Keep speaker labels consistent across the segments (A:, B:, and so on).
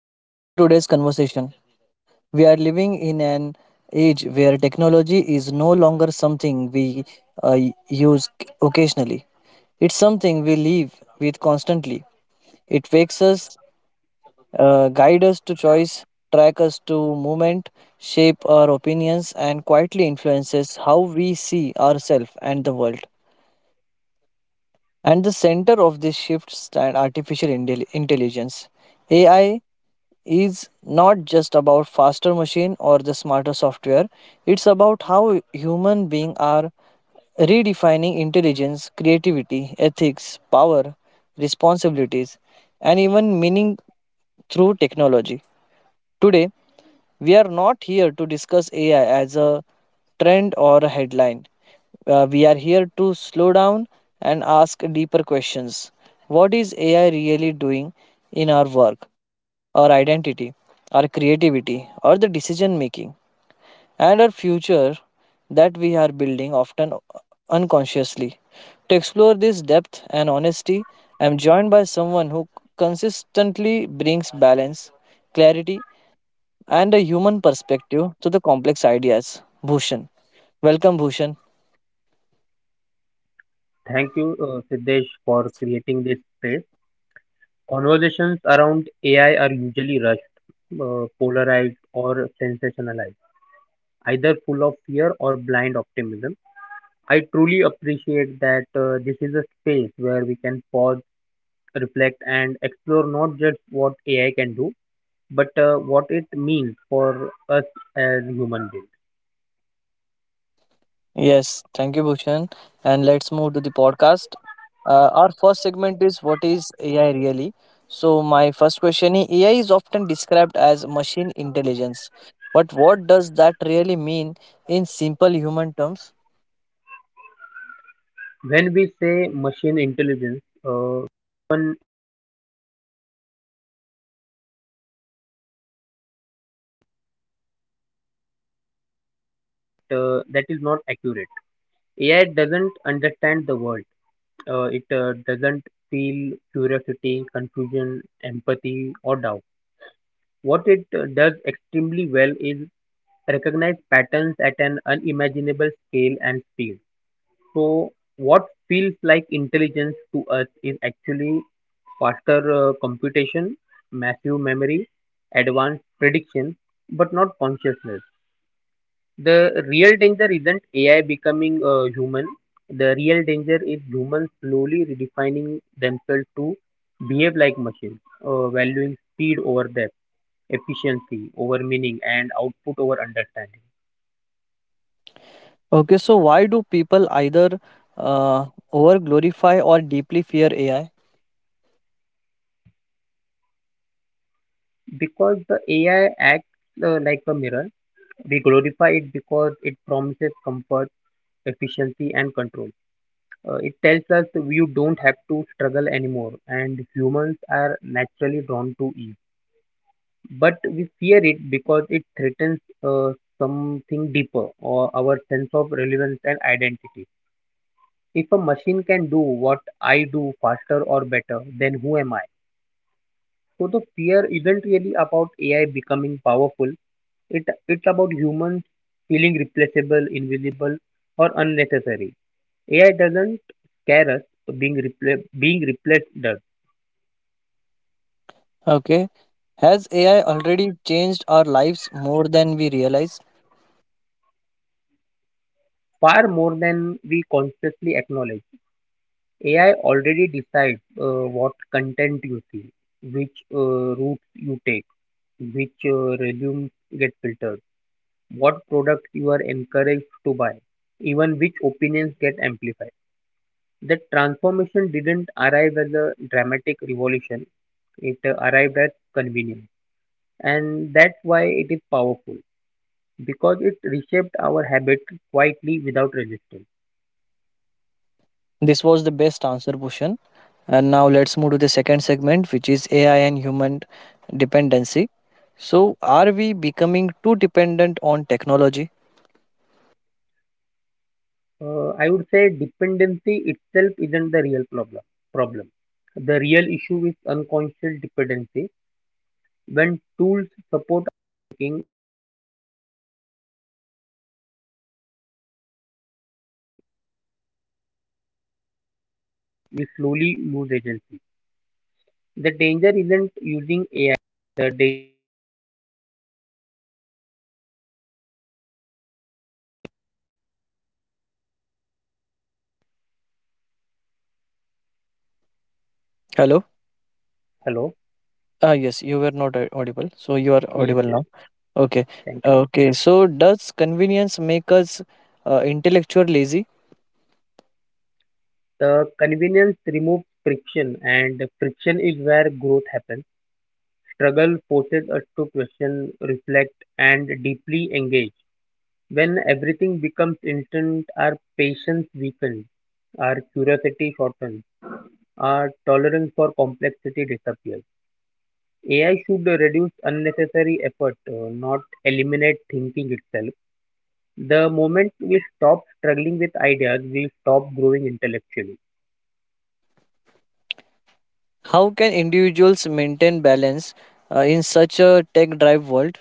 A: Welcome to today's conversation. We are living in an age where technology is no longer something we uh, use occasionally. It's something we live with constantly. It wakes us, guide us to choice, track us to movement, shape our opinions, and quietly influences how we see ourselves and the world. And the center of this shift stand artificial intelligence. AI is not just about faster machine or the smarter software, it's about how human beings are redefining intelligence, creativity, ethics, power, responsibilities, and even meaning through technology. Today we are not here to discuss ai as a trend or a headline. We are here to slow down and ask deeper questions. What is AI really doing in our work, our identity, our creativity, or the decision making, and our future that we are building often unconsciously? To explore this depth and honesty, I am joined by someone who consistently brings balance, clarity, and a human perspective to the complex ideas. Bhushan, welcome, Bhushan.
B: Thank you, Siddesh, for creating this space. Conversations around AI are usually rushed, polarized, or sensationalized, either full of fear or blind optimism. I truly appreciate that this is a space where we can pause, reflect, and explore not just what AI can do, but what it means for us as human beings.
A: Yes, thank you, Bhushan. And let's move to the podcast. Our first segment is what is AI really? So my first question is, AI is often described as machine intelligence, but what does that really mean in simple human terms?
B: When we say machine intelligence, that is not accurate. AI doesn't understand the world. It doesn't feel curiosity, confusion, empathy, or doubt. What it does extremely well is recognize patterns at an unimaginable scale and speed. So, what feels like intelligence to us is actually faster computation, massive memory, advanced prediction, but not consciousness. The real danger isn't AI becoming human. The real danger is humans slowly redefining themselves to behave like machines, valuing speed over depth, efficiency over meaning, and output over understanding.
A: Okay, so why do people either uh, over glorify or deeply fear AI?
B: Because the AI acts like a mirror, we glorify it because it promises comfort, efficiency, and control. It tells us you don't have to struggle anymore, and humans are naturally drawn to ease. But we fear it because it threatens something deeper or our sense of relevance and identity. If a machine can do what I do faster or better, then who am I? So the fear isn't really about AI becoming powerful. It's about humans feeling replaceable, invisible, or unnecessary. AI doesn't scare us, being replaced does.
A: Okay, has AI already changed our lives more than we realize?
B: Far more than we consciously acknowledge, AI already decides what content you see, which routes you take, which resumes get filtered, what products you are encouraged to buy, even which opinions get amplified. That transformation didn't arrive as a dramatic revolution, it arrived as convenience. And that's why it is powerful, because it reshaped our habits quietly without resistance.
A: This was the best answer question. And now let's move to the second segment, which is AI and human dependency. So, are we becoming too dependent on technology?
B: I would say dependency itself isn't the real problem. Problem. The real issue is unconscious dependency. When tools support, we slowly lose agency. The danger isn't using AI. The
A: Hello?
C: Hello?
A: Ah, yes, you were not audible. So, you are
C: Yes,
A: audible
C: yes.
A: now. Okay.
C: Thank you.
A: Okay. So, does convenience make us intellectual lazy?
C: The convenience removes friction, and friction is where growth happens. Struggle forces us to question, reflect, and deeply engage. When everything becomes instant, our patience weakens, our curiosity shortens, our tolerance for complexity disappears. AI should reduce unnecessary effort, not eliminate thinking itself. The moment we stop struggling with ideas, we stop growing intellectually.
A: How can individuals maintain balance in such a tech drive world?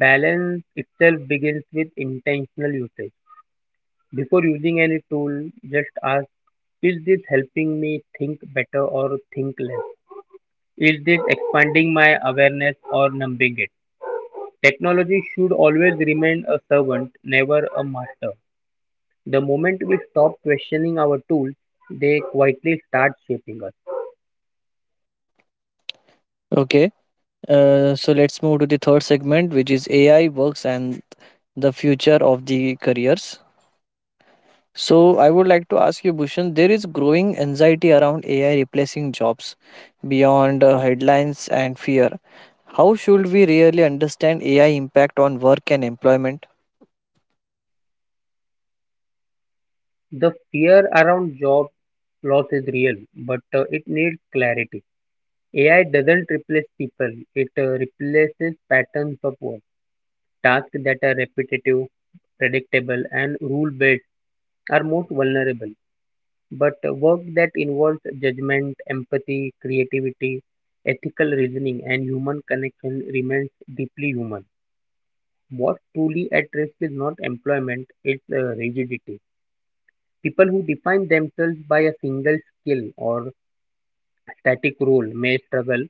C: Balance itself begins with intentional usage. Before using any tool, just ask, is this helping me think better or think less? Is this expanding my awareness or numbing it? Technology should always remain a servant, never a master. The moment we stop questioning our tools, they quietly start shaping us.
A: Okay. So let's move to the third segment, which is AI works and the future of the careers. So I would like to ask you, Bhushan, there is growing anxiety around AI replacing jobs beyond headlines and fear. How should we really understand AI impact on work and employment?
C: The fear around job loss is real, but it needs clarity. AI doesn't replace people, it replaces patterns of work. Tasks that are repetitive, predictable, and rule based are most vulnerable. But work that involves judgment, empathy, creativity, ethical reasoning, and human connection remains deeply human. What's truly at risk is not employment, it's rigidity. People who define themselves by a single skill or static role may struggle.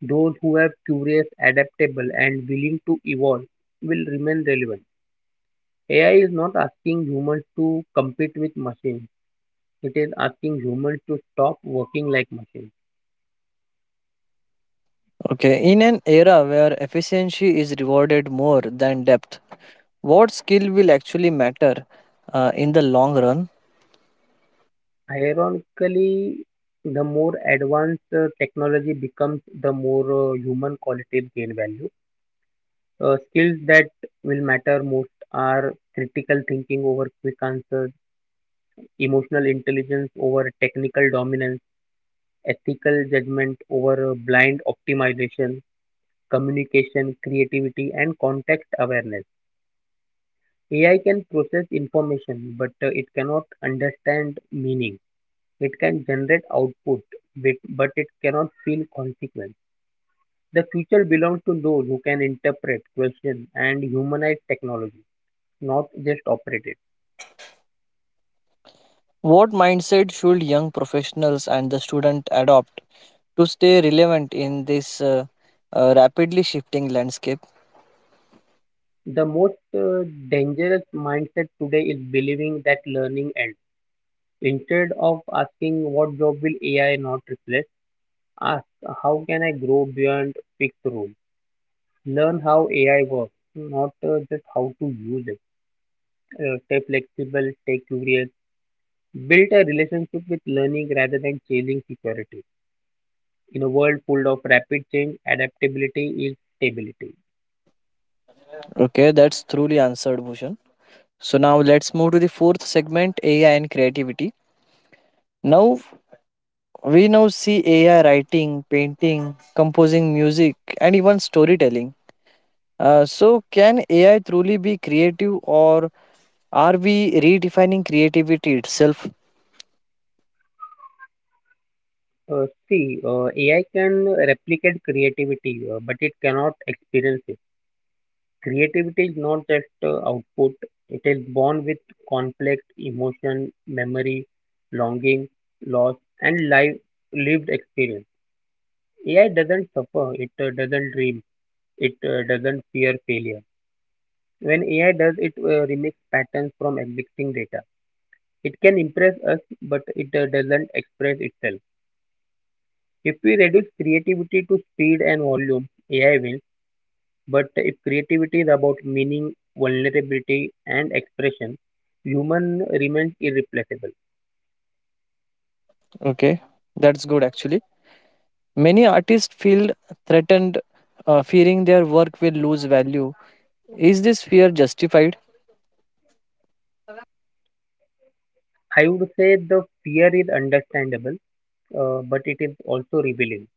C: Those who are curious, adaptable, and willing to evolve will remain relevant. AI is not asking humans to compete with machines, it is asking humans to stop working like machines.
A: Okay, in an era where efficiency is rewarded more than depth, what skill will actually matter in the long run?
C: Ironically, the more advanced technology becomes, the more human qualities gain value. Skills that will matter most are critical thinking over quick answers, emotional intelligence over technical dominance, ethical judgment over blind optimization, communication, creativity, and context awareness. AI can process information, but it cannot understand meaning. It can generate output, but it cannot feel consequence. The future belongs to those who can interpret, question, and humanize technology, not just operate it.
A: What mindset should young professionals and the student adopt to stay relevant in this rapidly shifting landscape.
C: The most dangerous mindset today is believing that learning ends. Instead of asking what job will AI not replace, ask how can I grow beyond fixed rule. Learn how AI works, not just how to use it. Stay flexible, stay curious. Build a relationship with learning rather than chasing security. In a world full of rapid change, adaptability is stability.
A: Okay, that's truly answered, Bhushan. So now let's move to the fourth segment, AI and creativity. Now we now see AI writing, painting, composing music, and even storytelling. So, can AI truly be creative, or are we redefining creativity itself?
C: AI can replicate creativity, but it cannot experience it. Creativity is not just output, it is born with conflict, emotion, memory, longing, loss, and life lived experience. AI doesn't suffer, it doesn't dream, it doesn't fear failure. When AI does, it remix patterns from existing data. It can impress us, but it doesn't express itself. If we reduce creativity to speed and volume, AI will. But if creativity is about meaning, vulnerability, and expression, human remains irreplaceable.
A: Okay, that's good actually. Many artists feel threatened, fearing their work will lose value. Is this fear justified?
C: I would say the fear is understandable, but it is also revealing.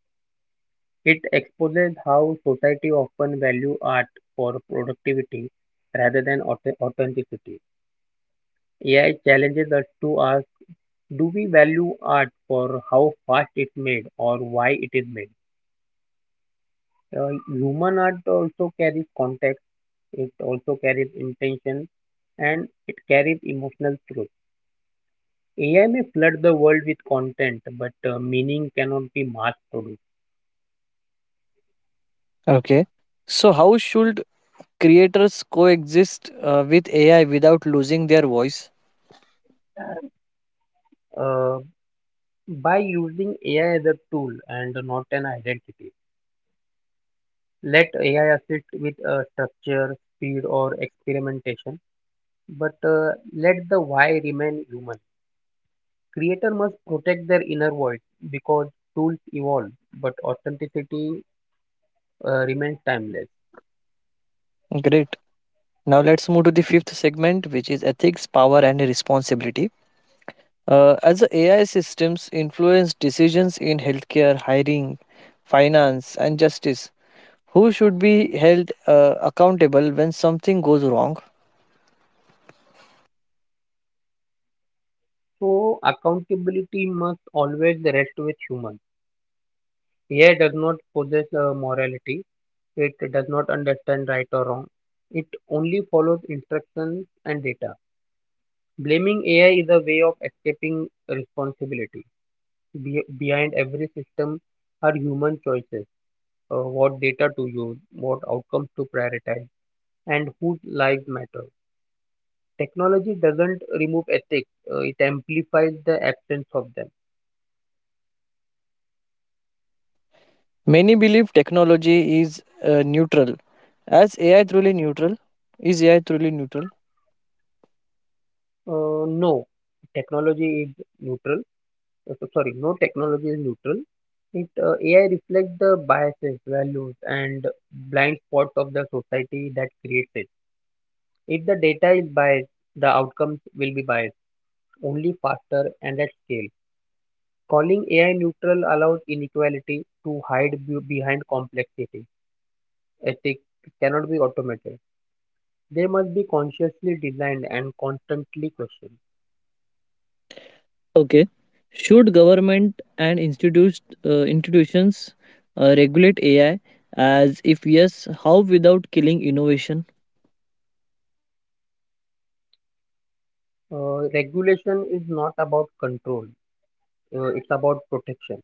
C: It exposes how society often value art for productivity rather than authenticity. AI challenges us to ask, do we value art for how fast it's made or why it is made? Human art also carries context. It also carries intention, and it carries emotional truth. AI may flood the world with content, but meaning cannot be mass produced.
A: Okay. So, how should creators coexist with AI without losing their voice?
C: Uh, by using AI as a tool and not an identity, let AI assist with structure, speed, or experimentation, but let the why remain human. Creator must protect their inner voice because tools evolve, but authenticity remains timeless.
A: Great. Now, let's move to the fifth segment, which is ethics, power, and responsibility. As the AI systems influence decisions in healthcare, hiring, finance, and justice, who should be held accountable when something goes wrong?
C: So accountability must always rest with human. AI does not possess a morality. It does not understand right or wrong. It only follows instructions and data. Blaming AI is a way of escaping responsibility. Behind every system are human choices, what data to use, what outcomes to prioritize, and whose lives matter. Technology doesn't remove ethics, it amplifies the absence of them.
A: Many believe technology is neutral. As AI truly neutral? Is AI truly neutral?
C: No, technology is neutral. Sorry, no technology is neutral. It AI reflects the biases, values, and blind spots of the society that creates it. If the data is biased, the outcomes will be biased, only faster and at scale. Calling AI neutral allows inequality to hide behind complexity. Ethics cannot be automated. They must be consciously designed and constantly questioned.
A: Okay. Should government and institutions regulate AI? As if yes, how without killing innovation?
C: Regulation is not about control. It's about protection.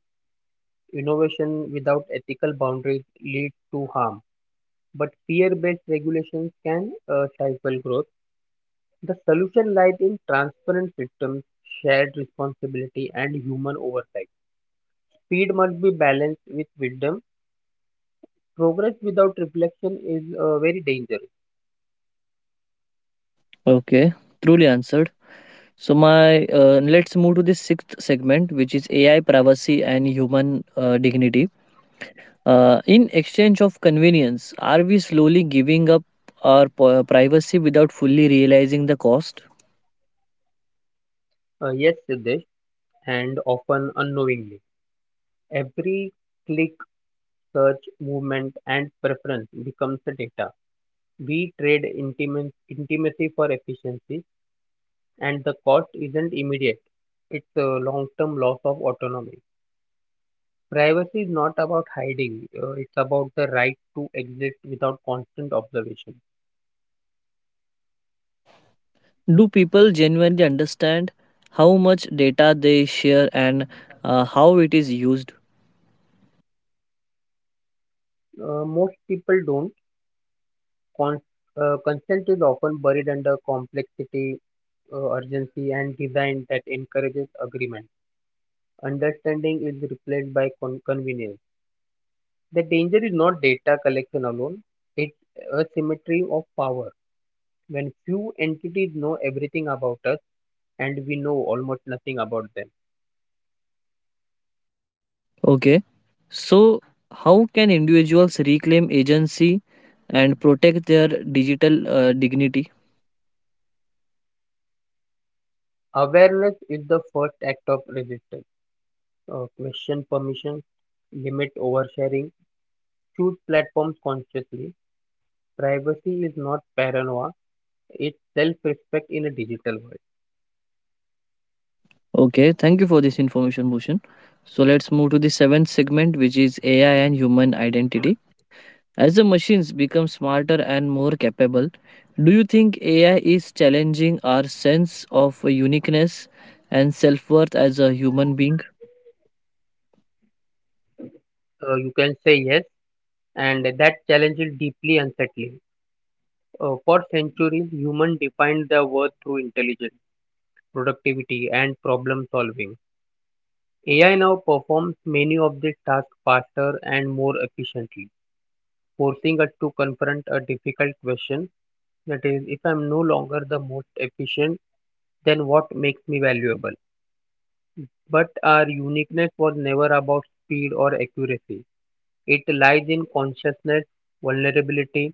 C: Innovation without ethical boundaries leads to harm, but fear-based regulations can stifle growth. The solution lies in transparent systems, shared responsibility, and human oversight. Speed must be balanced with wisdom. Progress without reflection is very dangerous.
A: Okay, truly answered. So my let's move to the sixth segment, which is AI privacy and human dignity. In exchange of convenience, are we slowly giving up our privacy without fully realizing the cost?
C: Yes, Siddesh, and often unknowingly. Every click, search, movement, and preference becomes a data. We trade intimacy for efficiency, and the cost isn't immediate. It's a long-term loss of autonomy. Privacy is not about hiding. It's about the right to exist without constant observation.
A: Do people genuinely understand how much data they share and how it is used?
C: Most people don't. Con- Consent is often buried under complexity, urgency, and design that encourages agreement. Understanding is replaced by convenience. The danger is not data collection alone. It's a symmetry of power. When few entities know everything about us, and we know almost nothing about them.
A: Okay, so how can individuals reclaim agency and protect their digital dignity?
C: Awareness is the first act of resistance. Question permission, limit oversharing, choose platforms consciously. Privacy is not paranoia, it's self respect in a digital world.
A: Okay, thank you for this information, Bhushan. So let's move to the seventh segment, which is AI and human identity. As the machines become smarter and more capable, do you think AI is challenging our sense of uniqueness and self-worth as a human being?
C: You can say yes, and that challenge is deeply unsettling. For centuries, humans defined their worth through intelligence, productivity, and problem solving. AI now performs many of these tasks faster and more efficiently, forcing us to confront a difficult question, that is, if I'm no longer the most efficient, then what makes me valuable? But our uniqueness was never about speed or accuracy. It lies in consciousness, vulnerability,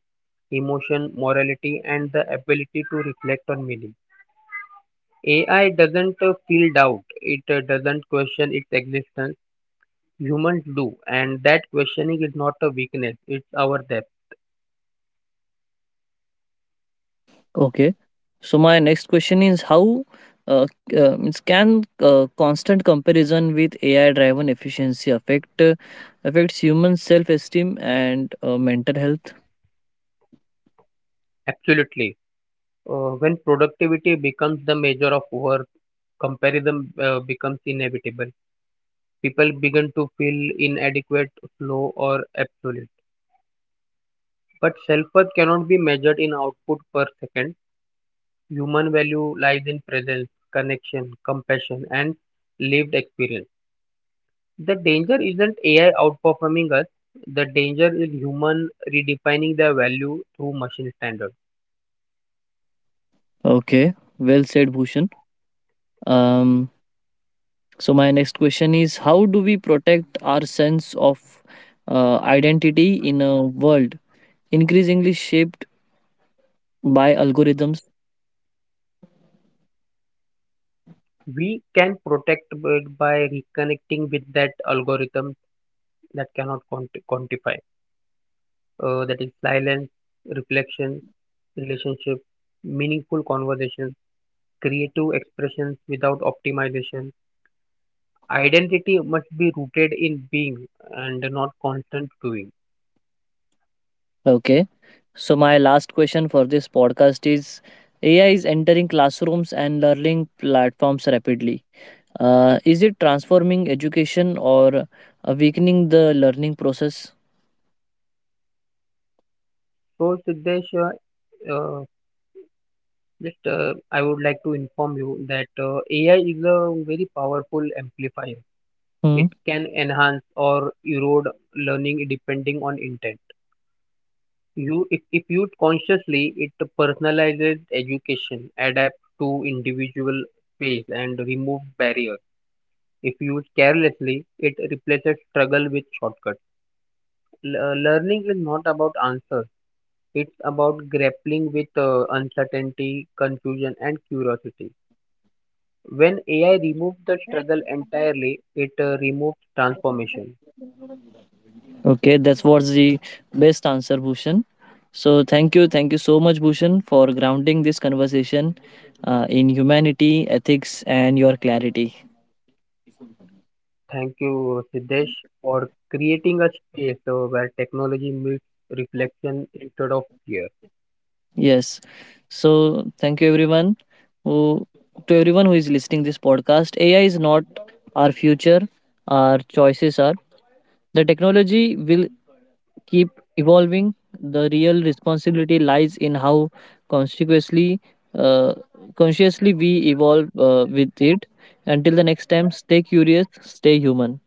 C: emotion, morality, and the ability to reflect on meaning. AI doesn't feel doubt, it doesn't question its existence. Humans do, and that questioning is not a weakness, it's our depth.
A: Okay. So my next question is, how uh, c- means can constant comparison with AI driven efficiency affects human self esteem and mental health?
C: Absolutely. When productivity becomes the measure of worth, comparison becomes inevitable. People begin to feel inadequate, slow, or absolute. But self worth cannot be measured in output per second. Human value lies in presence, connection, compassion, and lived experience. The danger isn't AI outperforming us, the danger is human redefining their value through machine standards.
A: Okay. Well said, Bhushan. Um, so my next question is, how do we protect our sense of identity in a world increasingly shaped by algorithms?
C: We can protect it by reconnecting with that algorithm that cannot quantify. That is silence, reflection, relationship, meaningful conversation, creative expressions without optimization. Identity must be rooted in being and not constant doing.
A: Okay. So my last question for this podcast is, AI is entering classrooms and learning platforms rapidly. Is it transforming education or weakening the learning process?
C: So, Siddesh, uh, just I would like to inform you that AI is a very powerful amplifier.
A: Hmm.
C: It can enhance or erode learning depending on intent. If used consciously, it personalizes education, adapts to individual pace, and removes barriers. If used carelessly, it replaces struggle with shortcuts. Learning is not about answers; it's about grappling with uncertainty, confusion, and curiosity. When AI removes the struggle entirely, it removes transformation.
A: Okay, that was the best answer, Bhushan. So thank you so much, Bhushan, for grounding this conversation in humanity, ethics, and your clarity.
C: Thank you, Siddesh, for creating a space where technology meets reflection instead of fear.
A: Yes. So thank you everyone who to everyone who is listening this podcast. AI is not our future, our choices are. The technology will keep evolving. The real responsibility lies in how consequently uh, consciously we evolve with it. Until the next time, stay curious, stay human.